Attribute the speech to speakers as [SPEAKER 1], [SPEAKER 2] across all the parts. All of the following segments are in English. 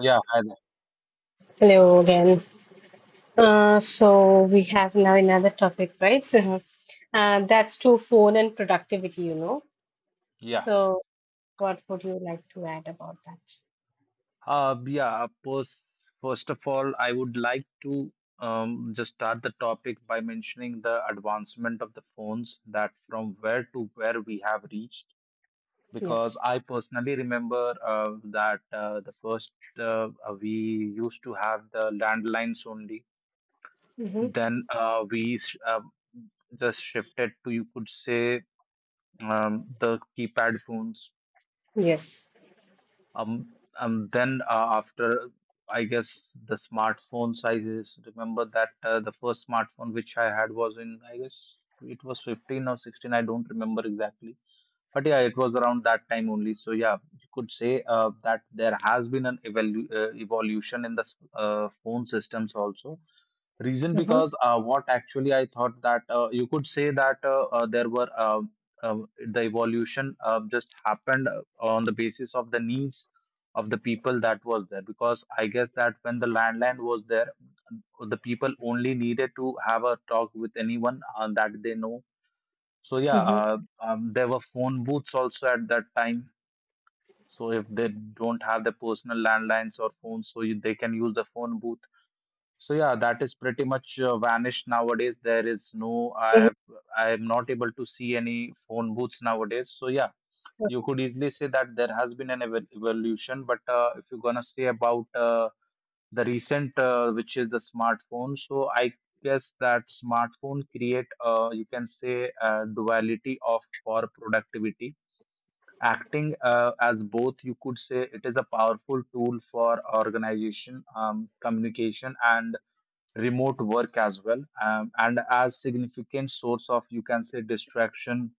[SPEAKER 1] Yeah, hi there.
[SPEAKER 2] Hello again. So we have now another topic, right? That's to phone and productivity,
[SPEAKER 1] yeah,
[SPEAKER 2] So what would you like to add about that?
[SPEAKER 1] uh, yeah. First, first of all, I would like to just start the topic by mentioning the advancement of the phones that from where to where we have reached. Because
[SPEAKER 2] Yes.
[SPEAKER 1] I personally remember that the first we used to have the landlines only.
[SPEAKER 2] Mm-hmm.
[SPEAKER 1] Then we just shifted to you could say the keypad phones.
[SPEAKER 2] Yes.
[SPEAKER 1] And then after, I guess the smartphone sizes. Remember that the first smartphone which I had was in, I guess it was 15 or 16. I don't remember exactly, but yeah, it was around that time only. So yeah, you could say that there has been an evolution in the phone systems also. Reason
[SPEAKER 2] Mm-hmm.
[SPEAKER 1] because what actually I thought that you could say that uh, the evolution just happened on the basis of the needs of the people that was there. Because I guess that when the landline was there, the people only needed to have a talk with anyone that they know. So yeah,
[SPEAKER 2] Mm-hmm.
[SPEAKER 1] there were phone booths also at that time. So if they don't have the personal landlines or phones, so you, they can use the phone booth, so yeah, that is pretty much vanished nowadays. There is no, I
[SPEAKER 2] Mm-hmm.
[SPEAKER 1] have, I am not able to see any phone booths nowadays. So yeah, you could easily say that there has been an evolution. But if you're gonna say about the recent, which is the smartphone, so I guess that smartphone create, you can say, a duality of for productivity. Acting as both, you could say it is a powerful tool for organization, communication, and remote work as well, and as significant source of you can say distraction,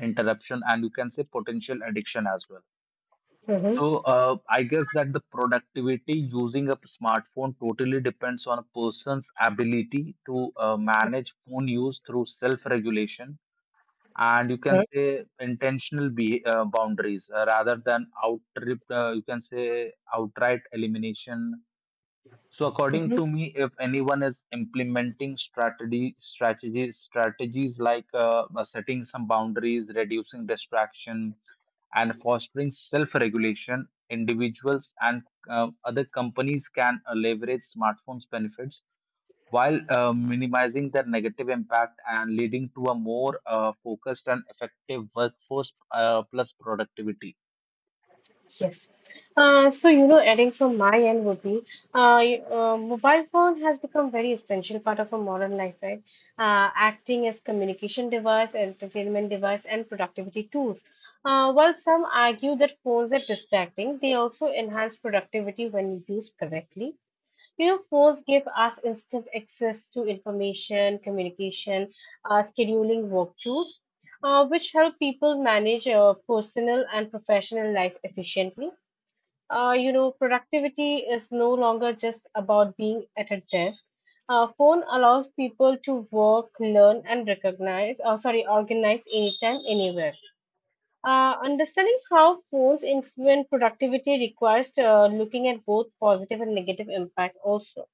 [SPEAKER 1] interruption, and you can say potential addiction as well. So
[SPEAKER 2] Mm-hmm.
[SPEAKER 1] I guess that the productivity using a smartphone totally depends on a person's ability to manage phone use through self regulation and you can
[SPEAKER 2] Yeah.
[SPEAKER 1] say intentional boundaries rather than out you can say outright elimination. So according
[SPEAKER 2] Mm-hmm.
[SPEAKER 1] to me, if anyone is implementing strategy strategies strategies like setting some boundaries, reducing distraction, and fostering self-regulation, individuals and other companies can leverage smartphones' benefits while minimizing their negative impact and leading to a more focused and effective workforce, plus productivity.
[SPEAKER 2] Yes. Adding from my end would be mobile phone has become very essential part of our modern life, right? Acting as communication device, entertainment device, and productivity tools. While some argue that phones are distracting, they also enhance productivity when used correctly. You know, phones give us instant access to information, communication, scheduling work tools, which help people manage personal and professional life efficiently. Productivity is no longer just about being at a desk. Phone allows people to work, learn, and recognize, or sorry, organize anytime, anywhere. Understanding how phones influence productivity requires looking at both positive and negative impact also.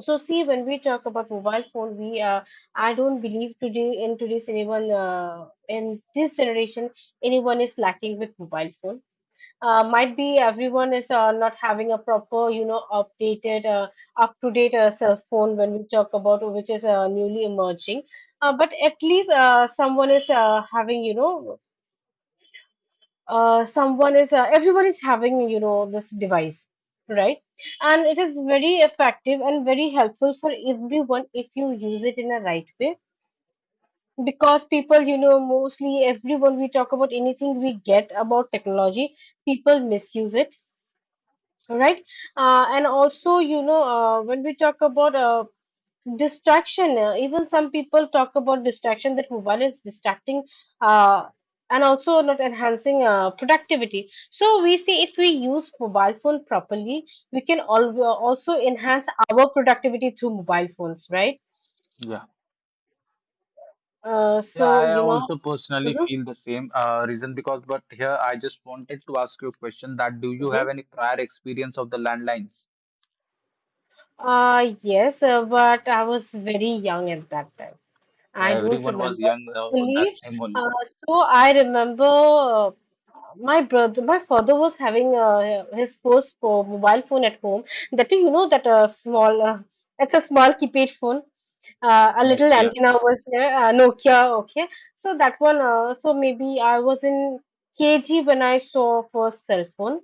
[SPEAKER 2] So, see, when we talk about mobile phone, we I don't believe today in today's anyone in this generation anyone is lacking with mobile phone. Might be everyone is not having a proper, you know, updated, up to date cell phone when we talk about, which is newly emerging. But at least someone is having, you know, everyone is having, you know, this device, right? And it is very effective and very helpful for everyone if you use it in a right way. Because people, you know, mostly everyone, we talk about anything we get about technology, people misuse it. All right. And also, you know, when we talk about distraction, even some people talk about distraction, that mobile is distracting, uh, and also not enhancing productivity. So we see, if we use mobile phone properly, we can also enhance our productivity through mobile phones, right?
[SPEAKER 1] Yeah.
[SPEAKER 2] uh,
[SPEAKER 1] Yeah,
[SPEAKER 2] so
[SPEAKER 1] I
[SPEAKER 2] you know
[SPEAKER 1] also personally
[SPEAKER 2] mhm,
[SPEAKER 1] feel the same, reason because, but here I just wanted to ask you a question that do you have
[SPEAKER 2] mhm.
[SPEAKER 1] any prior experience of the landlines?
[SPEAKER 2] Yes, but I was very young at that time. I
[SPEAKER 1] Yeah,
[SPEAKER 2] don't
[SPEAKER 1] everyone was
[SPEAKER 2] remember
[SPEAKER 1] young
[SPEAKER 2] properly.
[SPEAKER 1] that time only.
[SPEAKER 2] Uh, so I remember my brother, my father was having his first mobile phone at home. That too, you know, that small, it's a small keypad phone. A little
[SPEAKER 1] Nokia.
[SPEAKER 2] antenna was there, Nokia. Okay, so that one. So maybe I was in KG when I saw first cell phone.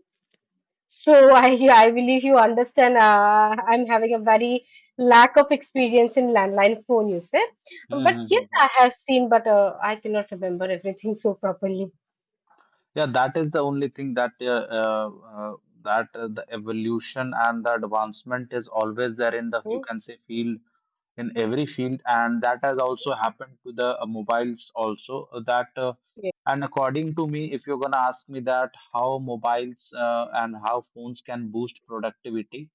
[SPEAKER 2] So I believe you understand. I'm having a very lack of experience in landline phone usage, but
[SPEAKER 1] Mm-hmm.
[SPEAKER 2] yes, I have seen, but I cannot remember everything so properly.
[SPEAKER 1] Yeah, that is the only thing that the evolution and the advancement is always there in the you
[SPEAKER 2] Mm,
[SPEAKER 1] can say field, in every field, and that has also happened to the mobiles also, that
[SPEAKER 2] yeah.
[SPEAKER 1] and according to me, if you're going to ask me that how mobiles and how phones can boost productivity,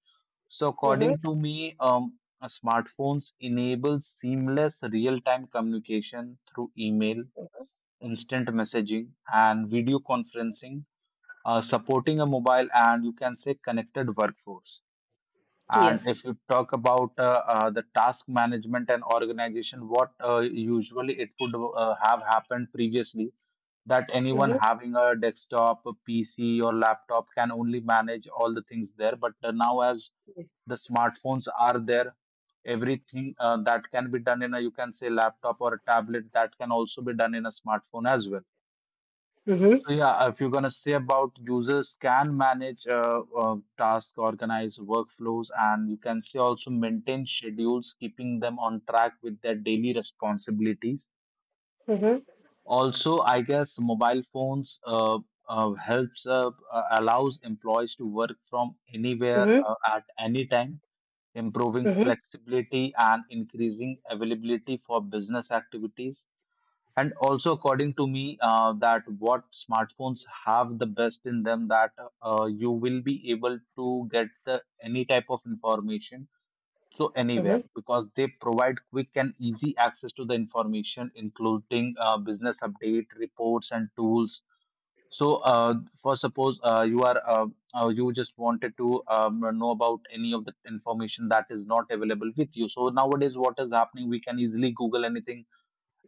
[SPEAKER 1] so
[SPEAKER 2] Mhm.
[SPEAKER 1] according to me, smartphones enable seamless real-time communication through email, instant messaging, and video conferencing, supporting a mobile and you can say connected workforce. And
[SPEAKER 2] Yes.
[SPEAKER 1] if you talk about the task management and organization, what usually it would have happened previously, that anyone
[SPEAKER 2] Mhm.
[SPEAKER 1] having a desktop, a PC, or laptop can only manage all the things there. But now, as
[SPEAKER 2] Yes.
[SPEAKER 1] the smartphones are there, everything that can be done in a, you can say, laptop or a tablet, that can also be done in a smartphone as well.
[SPEAKER 2] Mhm.
[SPEAKER 1] So yeah, if you're gonna say about users can manage task, organize workflows, and you can say also maintain schedules, keeping them on track with their daily responsibilities.
[SPEAKER 2] Mhm.
[SPEAKER 1] Also, I guess mobile phones helps allows employees to work from anywhere
[SPEAKER 2] Mhm.
[SPEAKER 1] at any time, improving
[SPEAKER 2] Mhm.
[SPEAKER 1] flexibility and increasing availability for business activities. And also, according to me, that what smartphones have the best in them, that you will be able to get the any type of information so anywhere,
[SPEAKER 2] Mhm.
[SPEAKER 1] because they provide quick and easy access to the information, including business update, reports, and tools. So, for suppose you just wanted to know about any of the information that is not available with you. So nowadays, what is happening? We can easily Google anything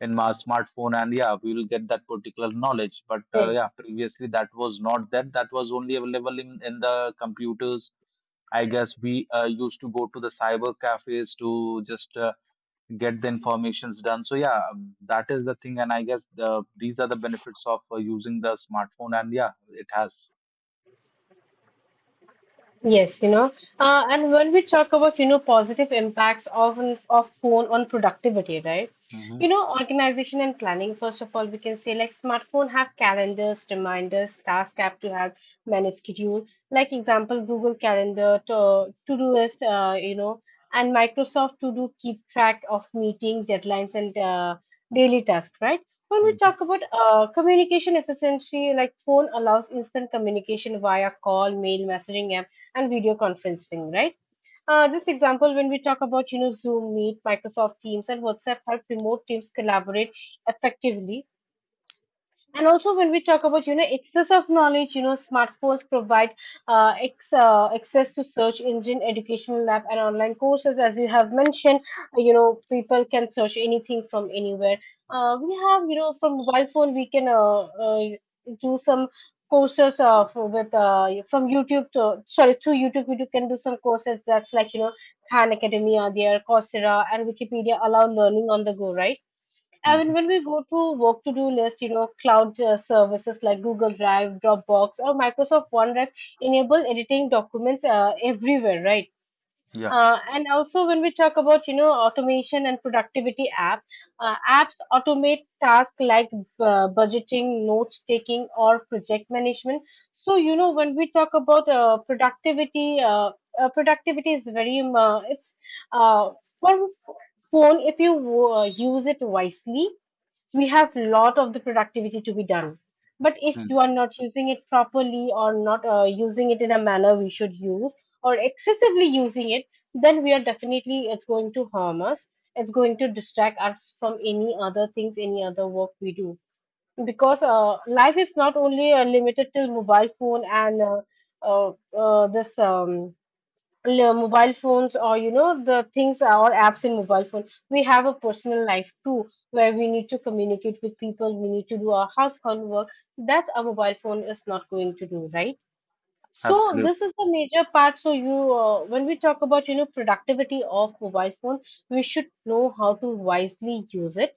[SPEAKER 1] in my smartphone, and yeah, we will get that particular knowledge. But
[SPEAKER 2] Mhm.
[SPEAKER 1] yeah, previously that was not that. That was only available in the computers. I guess we used to go to the cyber cafes to just get the informations done. So yeah, that is the thing, and I guess these are the benefits of using the smartphone, and yeah, it has.
[SPEAKER 2] Yes, you know, and when we talk about, you know, positive impacts of phone on productivity, right?
[SPEAKER 1] Hmm.
[SPEAKER 2] You know, organization and planning, first of all, we can say like smartphone have calendars, reminders, task app to help manage schedule. Like example, Google Calendar, to, Todoist, you know, and Microsoft To Do, keep track of meeting deadlines and daily tasks, right? When we
[SPEAKER 1] Hmm.
[SPEAKER 2] talk about communication efficiency, like phone allows instant communication via call, mail, messaging and video conferencing, right? Just example, when we talk about, you know, Zoom, Meet, Microsoft Teams, and WhatsApp help remote teams collaborate effectively. And also, when we talk about, you know, excess of knowledge, you know, smartphones provide access to search engine, educational app and online courses. As you have mentioned, you know, people can search anything from anywhere. We have, you know, from mobile phone we can uh, do some courses for, with from YouTube, to sorry, through YouTube we can do some courses. That's like, you know, Khan Academy are there, Coursera and Wikipedia allow learning on the go, right? I
[SPEAKER 1] Hmm.
[SPEAKER 2] mean, when we go to work to do list, you know, cloud services like Google Drive, Dropbox, or Microsoft OneDrive enable editing documents everywhere, right?
[SPEAKER 1] Yeah.
[SPEAKER 2] And also, when we talk about, you know, automation and productivity app, apps automate tasks like budgeting, notes taking, or project management. So, you know, when we talk about productivity is very it's uh, for phone, if you use it wisely, we have lot of the productivity to be done. But if you
[SPEAKER 1] Mm.
[SPEAKER 2] are not using it properly, or not using it in a manner we should use, or excessively using it, then we are definitely, it's going to harm us, it's going to distract us from any other things, any other work we do. Because life is not only limited to mobile phone and uh, uh, this um, mobile phones, or you know, the things or apps in mobile phone, we have a personal life too, where we need to communicate with people, we need to do our household work that a mobile phone is not going to do, right? So this
[SPEAKER 1] Absolutely.
[SPEAKER 2] is the major part. So you when we talk about, you know, productivity of mobile phone, we should know how to wisely use it,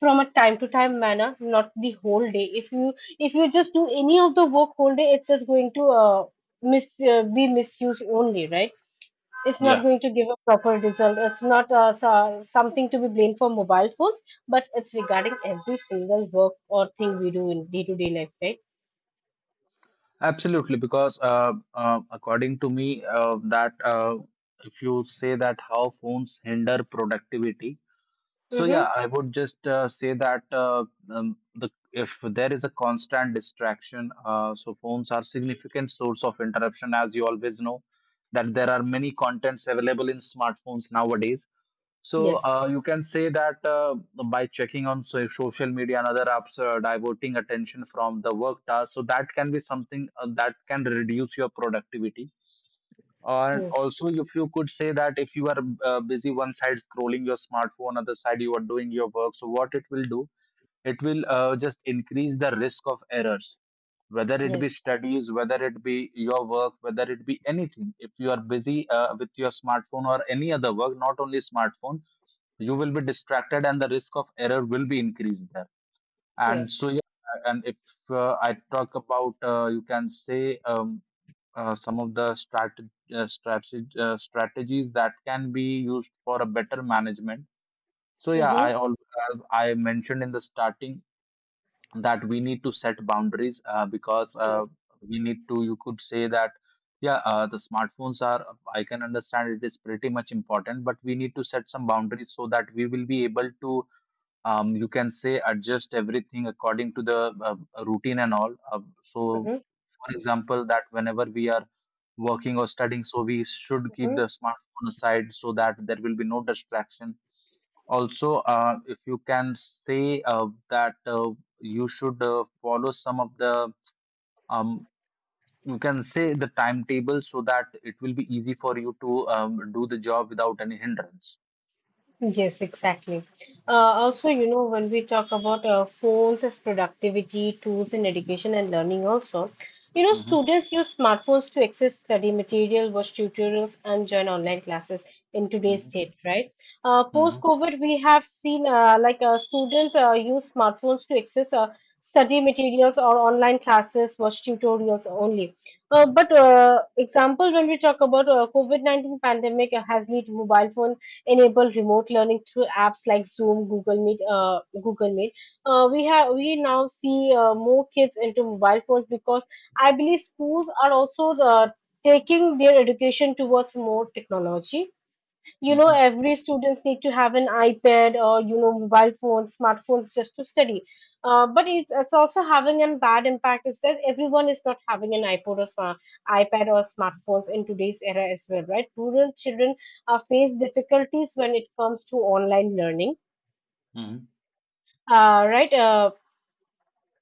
[SPEAKER 2] from a time to time manner, not the whole day. If you just do any of the work whole day, it's just going to miss be misused only, right? It's not
[SPEAKER 1] Yeah.
[SPEAKER 2] going to give a proper result. It's not so- Something to be blamed for mobile phones, but it's regarding every single work or thing we do in day to day life, right?
[SPEAKER 1] Absolutely, because according to me, that if you say that how phones hinder productivity, so yeah,
[SPEAKER 2] Mm-hmm.
[SPEAKER 1] I would just say that the, if there is a constant distraction, so phones are significant source of interruption, as you always know that there are many contents available in smartphones nowadays. So
[SPEAKER 2] Yes,
[SPEAKER 1] you can say that by checking on social media and other apps, diverting attention from the work task. So that can be something that can reduce your productivity. And
[SPEAKER 2] yes,
[SPEAKER 1] also, if you could say that if you are busy one side scrolling your smartphone, other side you are doing your work. So what it will do? It will just increase the risk of errors, whether it be
[SPEAKER 2] yes,
[SPEAKER 1] studies, whether it be your work, whether it be anything. If you are busy with your smartphone or any other work, not only smartphone, you will be distracted and the risk of error will be increased there. And
[SPEAKER 2] yes.
[SPEAKER 1] so yeah. And if I talk about you can say some of the strategies that can be used for a better management. So yeah, I,
[SPEAKER 2] Mm-hmm.
[SPEAKER 1] all as I mentioned in the starting, that we need to set boundaries, because
[SPEAKER 2] Yes.
[SPEAKER 1] we need to, you could say that yeah, the smartphones are, I can understand it is pretty much important, but we need to set some boundaries so that we will be able to you can say adjust everything according to the routine and all. So,
[SPEAKER 2] Mm-hmm.
[SPEAKER 1] for example, that whenever we are working or studying, so we should keep the
[SPEAKER 2] Mm-hmm.
[SPEAKER 1] smartphone aside so that there will be no distraction. Also, if you can say that you should follow some of the um, you can say the timetable so that it will be easy for you to do the job without any hindrance.
[SPEAKER 2] Yes, exactly. Also, you know, when we talk about phones as productivity tools in education and learning, also, you know,
[SPEAKER 1] Mm-hmm.
[SPEAKER 2] students use smartphones to access study material, watch tutorials, and join online classes in today's
[SPEAKER 1] Mm-hmm.
[SPEAKER 2] state, right?
[SPEAKER 1] Mm-hmm.
[SPEAKER 2] Post-COVID, we have seen, students use smartphones to access study materials or online classes, watch tutorials only. But Example, when we talk about COVID-19 pandemic has led to mobile phone, enable remote learning through apps like Zoom, Google Meet. Google Meet. We now see more kids into mobile phones, because I believe schools are also taking their education towards more technology. You know,
[SPEAKER 1] Mm-hmm.
[SPEAKER 2] every students need to have an iPad, or you know, mobile phones, smartphones, just to study. But it's also having a bad impact, is that everyone is not having an iPad or smartphones in today's era as well, right? Rural children face difficulties when it comes to online learning,
[SPEAKER 1] Mm-hmm.
[SPEAKER 2] right.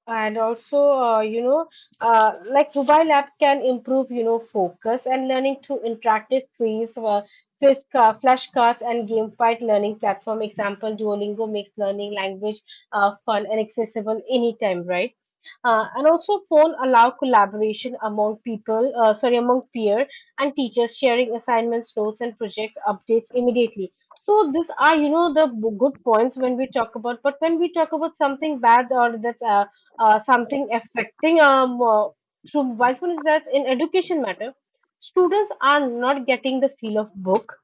[SPEAKER 2] And also, like mobile app can improve, you know, focus and learning through interactive quiz, flashcards and gamified learning platform. Example, Duolingo makes learning language fun and accessible anytime, right? And also phone allow collaboration among people, sorry, among peer and teachers, sharing assignments, notes and projects updates immediately. So these are, you know, the good points when we talk about. But when we talk about something bad, or that's something affecting through mobile phone, is that in education matter, students are not getting the feel of book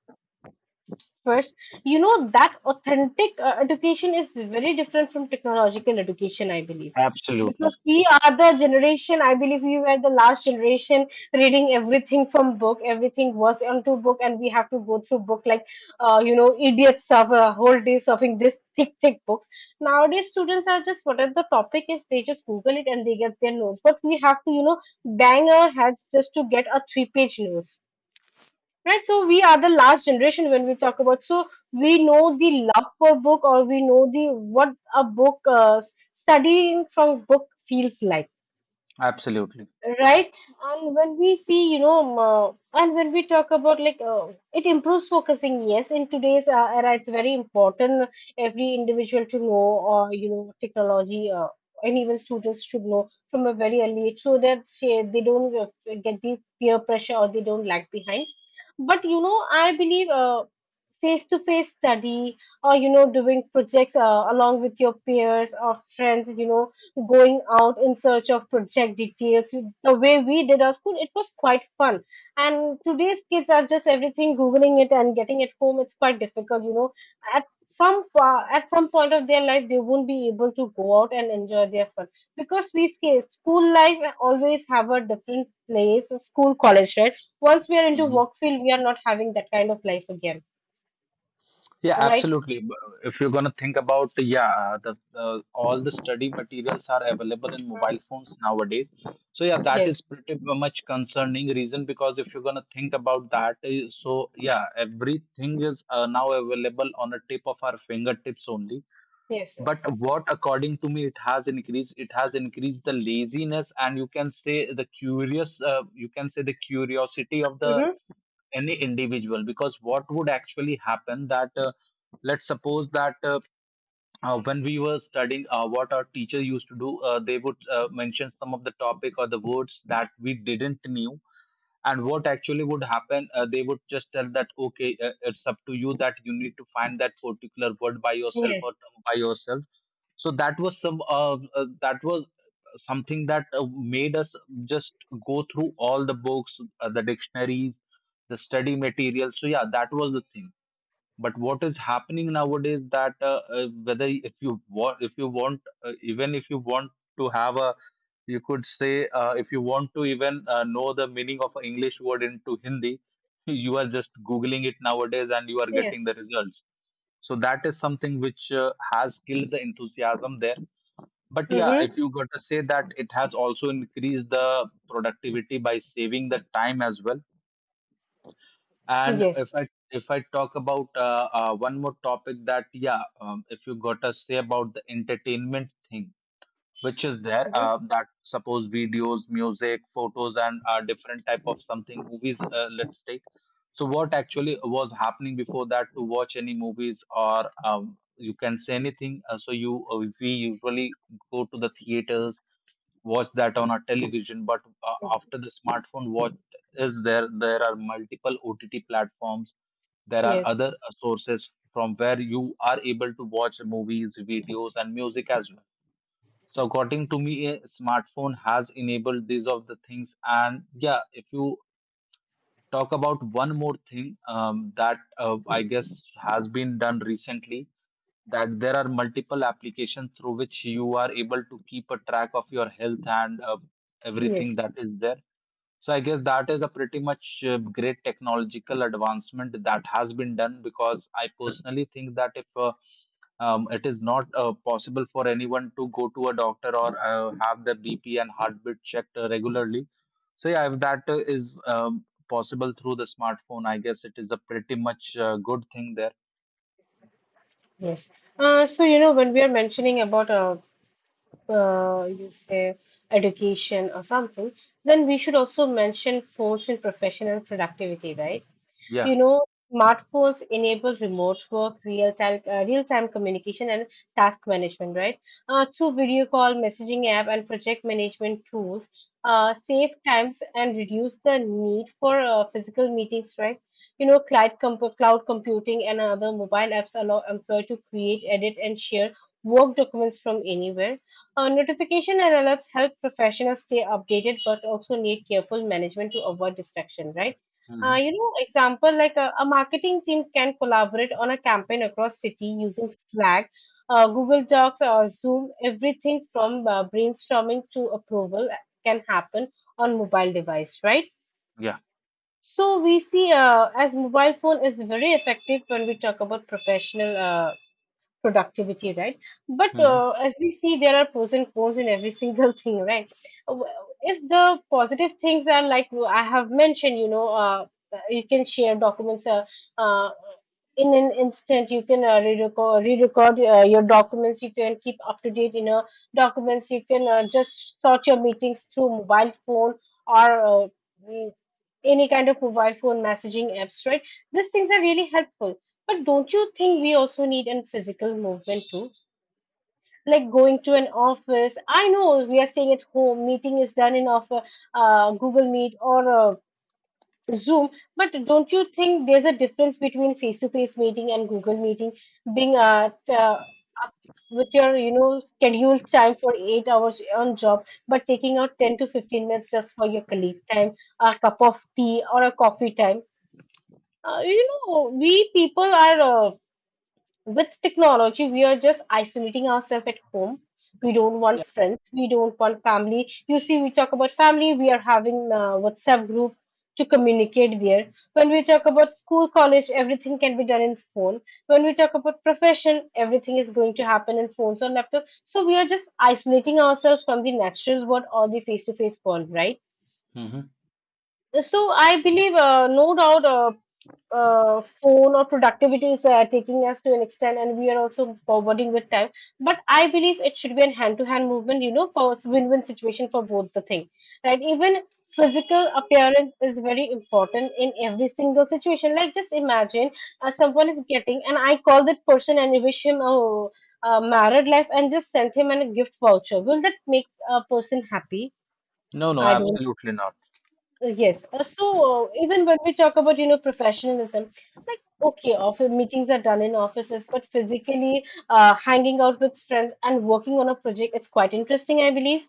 [SPEAKER 2] first. You know, that authentic education is very different from technological education, I believe.
[SPEAKER 1] Absolutely.
[SPEAKER 2] Because we are the generation, I believe we were the last generation reading everything from book, everything was onto book, and we have to go through book, like you know, idiots of a whole day surfing this thick books. Nowadays students are just, whatever the topic is, they just google it and they get their notes. But we have to, you know, bang our heads just to get a three-page note. Right, so we are the last generation when we talk about. So we know the love for book, or we know the what a book studying from book feels like,
[SPEAKER 1] Absolutely.
[SPEAKER 2] right? and when we see you know and when we talk about like it improves focusing. Yes, in today's era, it's very important every individual to know, or you know, technology, and even students should know from a very early age, so that they don't get the peer pressure or they don't lag behind. But you know, I believe face-to-face study, or you know, doing projects along with your peers or friends, you know, going out in search of project details, the way we did our school, it was quite fun. And today's kids are just everything googling it and getting it home. It's quite difficult, you know, at at some point of their life, they won't be able to go out and enjoy their fun, because school life always have a different place, school, college, right? Once we are into
[SPEAKER 1] Hmm.
[SPEAKER 2] work field, we are not having that kind of life again,
[SPEAKER 1] Yeah,
[SPEAKER 2] right?
[SPEAKER 1] absolutely. B- If you're going to think about, yeah, the all the study materials are available in
[SPEAKER 2] Mhm.
[SPEAKER 1] mobile phones nowadays. So yeah, that is
[SPEAKER 2] Yes.
[SPEAKER 1] pretty much concerning, reason because if you're going to think about that, eh, so yeah, everything is now available on the tip of our fingertips only.
[SPEAKER 2] Yes.
[SPEAKER 1] But what, according to me, it has increased the laziness and you can say you can say the curiosity of the
[SPEAKER 2] Mm-hmm.
[SPEAKER 1] any individual, because what would actually happen, that let's suppose that when we were studying, what our teacher used to do, they would mention some of the topic or the words that we didn't knew. And what actually would happen, they would just tell that okay, it's up to you that you need to find that particular word by yourself
[SPEAKER 2] Yes.
[SPEAKER 1] or term by yourself. So that was some that was something that made us just go through all the books, the dictionaries, the study material. So yeah, that was the thing. But what is happening nowadays, that whether if you want even if you want to have a, you could say, if you want to even know the meaning of an english word into hindi, you are just googling it nowadays and you are getting
[SPEAKER 2] Yes.
[SPEAKER 1] the results. So that is something which has killed the enthusiasm there. But yeah,
[SPEAKER 2] Mm-hmm.
[SPEAKER 1] if you got to say that it has also increased the productivity by saving the time as well. And
[SPEAKER 2] Yes.
[SPEAKER 1] if I talk about one more topic that yeah, if you got to say about the entertainment thing, which is there,
[SPEAKER 2] Mm-hmm.
[SPEAKER 1] that suppose videos, music, photos, and different type of something movies. Let's take. So what actually was happening before that to watch any movies or you can say anything. So you We usually go to the theaters, watch that on our television. But after the smartphone, what is there, are multiple OTT platforms, there are
[SPEAKER 2] Yes.
[SPEAKER 1] other sources from where you are able to watch movies, videos and music as well. So according to me, a smartphone has enabled these of the things. And yeah, if you talk about one more thing, that I guess has been done recently, that there are multiple applications through which you are able to keep a track of your health and everything
[SPEAKER 2] Yes,
[SPEAKER 1] that is there. So I guess that is a pretty much great technological advancement that has been done, because I personally think that if it is not possible for anyone to go to a doctor or have their BP and heartbeat checked regularly, so yeah, if that is possible through the smartphone, I guess it is a pretty much good thing there.
[SPEAKER 2] yes. So, when we are mentioning about you say education or something, then we should also mention force in professional productivity, right?
[SPEAKER 1] Yeah.
[SPEAKER 2] You know, smartphones enable remote work, real time communication, and task management, right? Through video call, messaging app, and project management tools, save times and reduce the need for physical meetings, right? You know, cloud computing and other mobile apps allow employee to create, edit, and share work documents from anywhere. Notification and alerts help professionals stay updated but also need careful management to avoid distraction, right?
[SPEAKER 1] Hmm.
[SPEAKER 2] You know, example like a marketing team can collaborate on a campaign across city using Slack, Google Docs, or Zoom. Everything from brainstorming to approval can happen on mobile device, right?
[SPEAKER 1] Yeah.
[SPEAKER 2] So we see as mobile phone is very effective when we talk about professional productivity, right? But
[SPEAKER 1] Hmm.
[SPEAKER 2] as we see, there are pros and cons in every single thing, right? Uh, If the positive things are like I have mentioned, you can share documents uh, in an instant. You can re-record your documents. You can keep up to date in a documents. You can just sort your meetings through mobile phone or mm, any kind of mobile phone messaging apps, right? These things are really helpful, but don't you think we also need an physical movement too? Like going to an office. I know we are staying at home, meeting is done in off Google Meet or Zoom, but don't you think there's a difference between face-to-face meeting and Google meeting, being up with your, you know, scheduled time for 8 hours on job, but taking out 10 to 15 minutes just for your colleague time, a cup of tea or a coffee time? You know, we people are. With technology, we are just isolating ourselves at home. We don't want friends. We don't want family. You see, we talk about family. We are having WhatsApp group to communicate there. When we talk about school, college, everything can be done in phone. When we talk about profession, everything is going to happen in phones or laptop. So we are just isolating ourselves from the natural world or the face-to-face world, right?
[SPEAKER 1] Hmm.
[SPEAKER 2] So I believe, no doubt, phone or productivity is taking us to an extent and we are also forwarding with time, but I believe it should be a hand to hand movement, you know, for win-win situation for both the thing, right? Even physical appearance is very important in every single situation, like just imagine someone is getting and I call that person and wish him a married life and just send him a gift voucher. Will that make a person happy?
[SPEAKER 1] No, no,
[SPEAKER 2] I don't.
[SPEAKER 1] absolutely not.
[SPEAKER 2] Yes. So even when we talk about, you know, professionalism, like okay, office meetings are done in offices, but physically hanging out with friends and working on a project, it's quite interesting, I believe.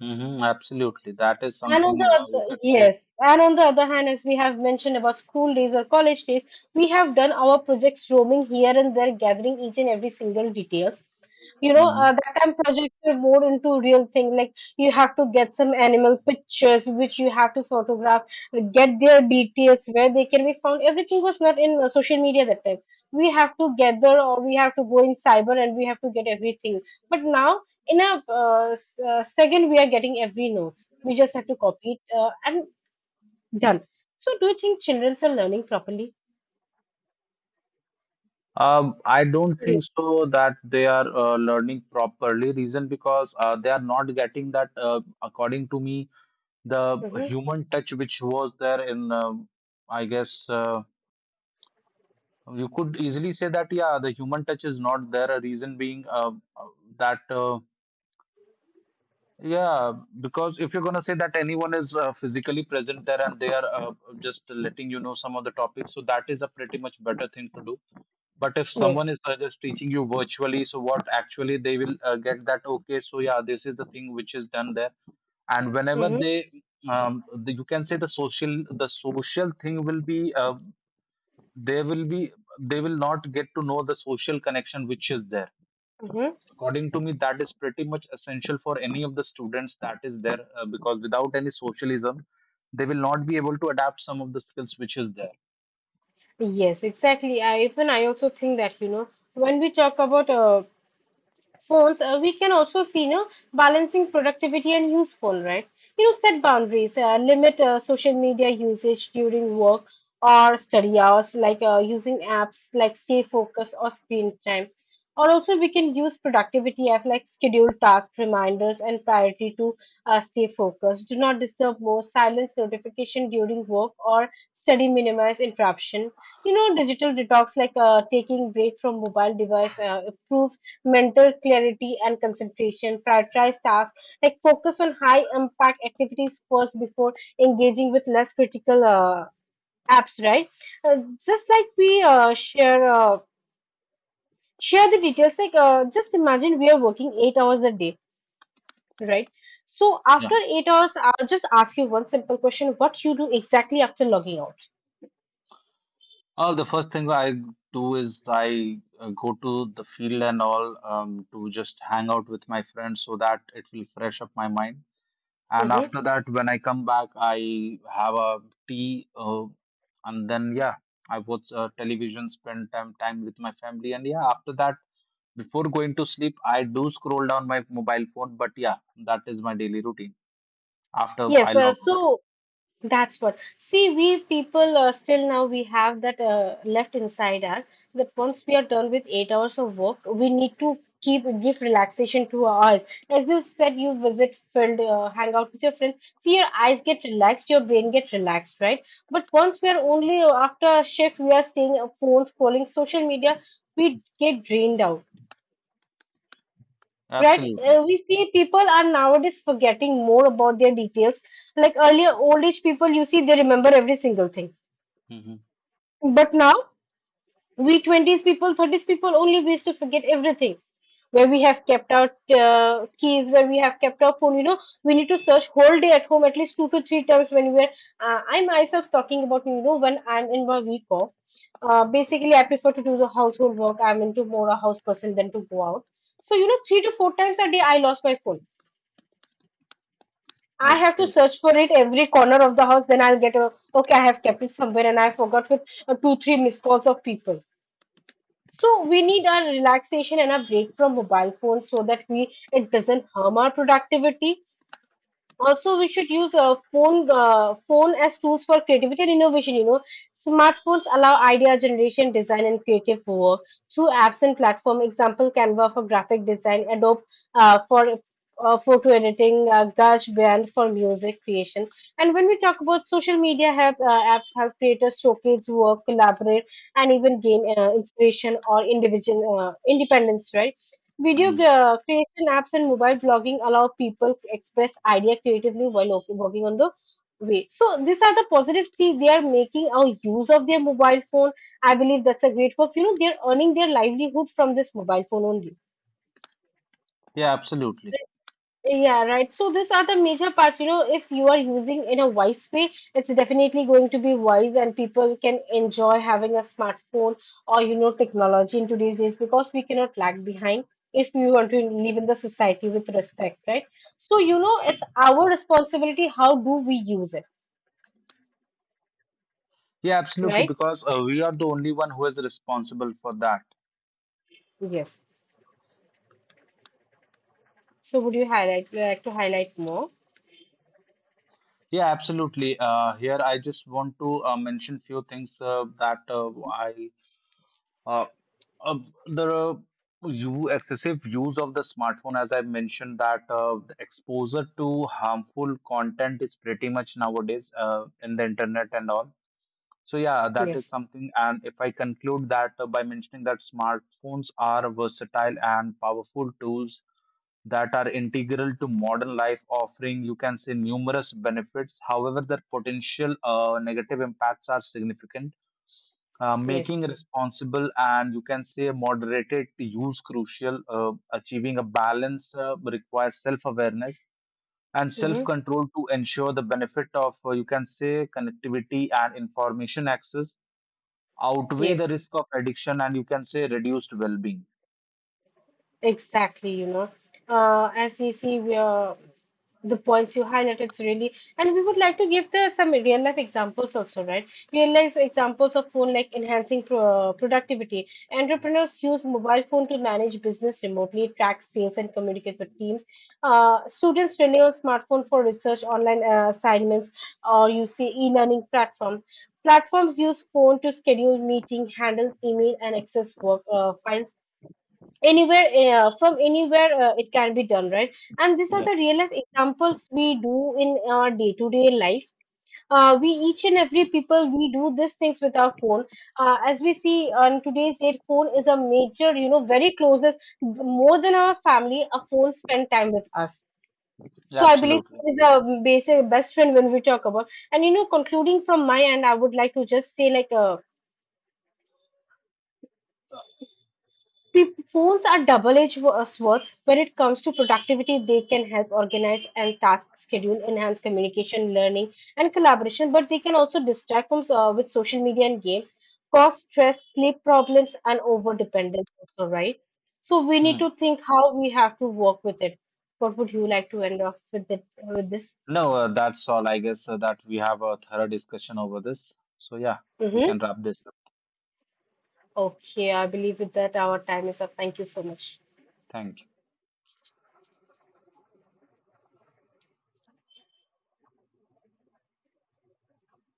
[SPEAKER 1] Hmm. Absolutely. That is
[SPEAKER 2] And on
[SPEAKER 1] something
[SPEAKER 2] the
[SPEAKER 1] we
[SPEAKER 2] other,
[SPEAKER 1] could say.
[SPEAKER 2] yes, and on the other hand, as we have mentioned about school days or college days, we have done our projects roaming here and there, gathering each and every single details.
[SPEAKER 1] Hmm.
[SPEAKER 2] That time projects were more into real thing, like you have to get some animal pictures which you have to photograph, get their details, where they can be found. Everything was not in social media that time. We have to gather, or we have to go in cyber and we have to get everything. But now in a second, we are getting every notes. We just have to copy it, and done. So do you think children are learning properly?
[SPEAKER 1] Um, I don't think so that they are learning properly. Reason because they are not getting that, according to me, the
[SPEAKER 2] Mm-hmm.
[SPEAKER 1] human touch which was there in, I guess, you could easily say that, yeah, the human touch is not there. A reason being uh, that. Yeah, because if you're going to say that anyone is physically present there and they are just letting you know some of the topics, so that is a pretty much better thing to do. But if someone
[SPEAKER 2] Yes.
[SPEAKER 1] is just teaching you virtually, so what actually they will get that, okay, so yeah, this is the thing which is done there. And whenever
[SPEAKER 2] Mm-hmm.
[SPEAKER 1] you can say the social thing will be, they will be, they will not get to know the social connection which is there.
[SPEAKER 2] Mm-hmm.
[SPEAKER 1] According to me, that is pretty much essential for any of the students that is there, because without any socialism, they will not be able to adapt some of the skills which is there.
[SPEAKER 2] Yes, exactly. I even I also think that, you know, when we talk about phones, we can also see, you know, balancing productivity and useful, right? You know, set boundaries, limit social media usage during work or study hours, like using apps like Stay Focus or Screen Time. Or also, we can use productivity app like schedule task reminders and priority to stay focused. Do not disturb more, silence notification during work or study, minimize interruption. You know, digital detox like taking break from mobile device improves mental clarity and concentration, prioritize tasks, like focus on high impact activities first before engaging with less critical apps, right? Uh, just like we share the details, like just imagine we are working 8 hours a day, right? So
[SPEAKER 1] Yeah.
[SPEAKER 2] after 8 hours, I'll just ask you one simple question: what you do exactly after logging out?
[SPEAKER 1] Oh, the first thing I do is I go to the field and all, to just hang out with my friends so that it will fresh up my mind. And
[SPEAKER 2] Hmm.
[SPEAKER 1] after that, when I come back, I have a tea, and then yeah, I watch television, spend time with my family, and yeah, after that, before going to sleep, I do scroll down my mobile phone. But yeah, that is my daily routine after I
[SPEAKER 2] Yes. Uh,
[SPEAKER 1] log
[SPEAKER 2] so
[SPEAKER 1] out.
[SPEAKER 2] that's what. See, we people still now we have that left inside us that once we are done with 8 hours of work, we need to keep give relaxation to our eyes. As you said, you visit field, hang out with your friends. See, your eyes get relaxed, your brain get relaxed, right? But once we are only after a shift, we are staying on phone scrolling social media, we get drained out. Right,
[SPEAKER 1] Absolutely.
[SPEAKER 2] we see people are nowadays forgetting more about their details. Like earlier, old age people, you see, they remember every single thing.
[SPEAKER 1] Hmm.
[SPEAKER 2] But now, we 20s people, 30s people only wish to forget everything. Where we have kept our keys, where we have kept our phone, you know, we need to search whole day at home at least two to three times when we're. I myself talking about, you know, when I'm in my week off. Basically, I prefer to do the household work. I'm into more a house person than to go out. So, you know, three to four times a day, I lost my phone. I have to
[SPEAKER 1] Okay.
[SPEAKER 2] search for it every corner of the house. Then I'll get a okay. I have kept it somewhere, and I forgot with two, three missed calls of people. So we need our relaxation and a break from mobile phones so that we it doesn't harm our productivity. Also, we should use a phone phone as tools for creativity and innovation. You know, smartphones allow idea generation, design, and creative work through apps and platform, example Canva for graphic design, Adobe for photo editing, GarageBand for music creation. And when we talk about social media help, apps help creators showcase work, collaborate, and even gain inspiration or individual independence, right?
[SPEAKER 1] Mm.
[SPEAKER 2] Creation apps and mobile blogging allow people to express idea creatively while working on the way. So these are the positive. See, they are making a use of their mobile phone. I believe that's a great work. You know, they're earning their livelihood from this mobile phone only.
[SPEAKER 1] Yeah, absolutely.
[SPEAKER 2] Yeah, right. So these are the major parts. You know, if you are using in a wise way, it's definitely going to be wise, and people can enjoy having a smartphone or, you know, technology in today's days because we cannot lag behind if we want to live in the society with respect, right? So, you know, it's our responsibility. How do we use it,
[SPEAKER 1] Yeah, absolutely.
[SPEAKER 2] right?
[SPEAKER 1] Because we are the only one who is responsible for that.
[SPEAKER 2] Yes. So would you highlight? Would you like to highlight more?
[SPEAKER 1] Yeah, absolutely. Here I just want to mention few things that I Uh, uh, the you excessive use of the smartphone, as I mentioned, that the exposure to harmful content is pretty much nowadays in the internet and all. So yeah, that is
[SPEAKER 2] Yes.
[SPEAKER 1] something. And if I conclude that by mentioning that smartphones are versatile and powerful tools that are integral to modern life, offering, you can say, numerous benefits. However, their potential negative impacts are significant, making
[SPEAKER 2] Yes.
[SPEAKER 1] responsible and, you can say, moderated use crucial. Achieving a balance requires self awareness and self
[SPEAKER 2] Mm-hmm.
[SPEAKER 1] control to ensure the benefit of, you can say, connectivity and information access outweigh the
[SPEAKER 2] Yes.
[SPEAKER 1] risk of addiction and, you can say, reduced well being.
[SPEAKER 2] Exactly, you know. As you see, we are the points you highlight, it's really, and we would like to give the some real life examples also, right? Real life examples of phone like enhancing productivity. Entrepreneurs use mobile phone to manage business remotely, track sales, and communicate with teams. Students rely on smartphone for research, online assignments, or you see e-learning platforms. Platforms use phone to schedule meeting, handle email, and access work files anywhere, from anywhere, it can be done, right? And these are the real life examples we do in our day to day life. We each and every people we do these things with our phone. As we see, on today's date, phone is a major, you know, very closest, more than our family. A phone spend time with us.
[SPEAKER 1] Yeah,
[SPEAKER 2] So I believe
[SPEAKER 1] absolutely.
[SPEAKER 2] phone is a basic best friend when we talk about. And you know, concluding from my end, I would like to just say like, Phones are double-edged swords when it comes to productivity. They can help organize and task schedule, enhance communication, learning, and collaboration. But they can also distract from, with social media and games, cause stress, sleep problems, and overdependence. Also, right? So we need
[SPEAKER 1] Hmm.
[SPEAKER 2] to think how we have to work with it. What would you like to end off with it, with this?
[SPEAKER 1] No, that's all I guess, that we have a thorough discussion over this. So yeah, we
[SPEAKER 2] Hmm.
[SPEAKER 1] can wrap this up.
[SPEAKER 2] Okay, I believe with that our time is up. Thank you so much.
[SPEAKER 1] Thank you.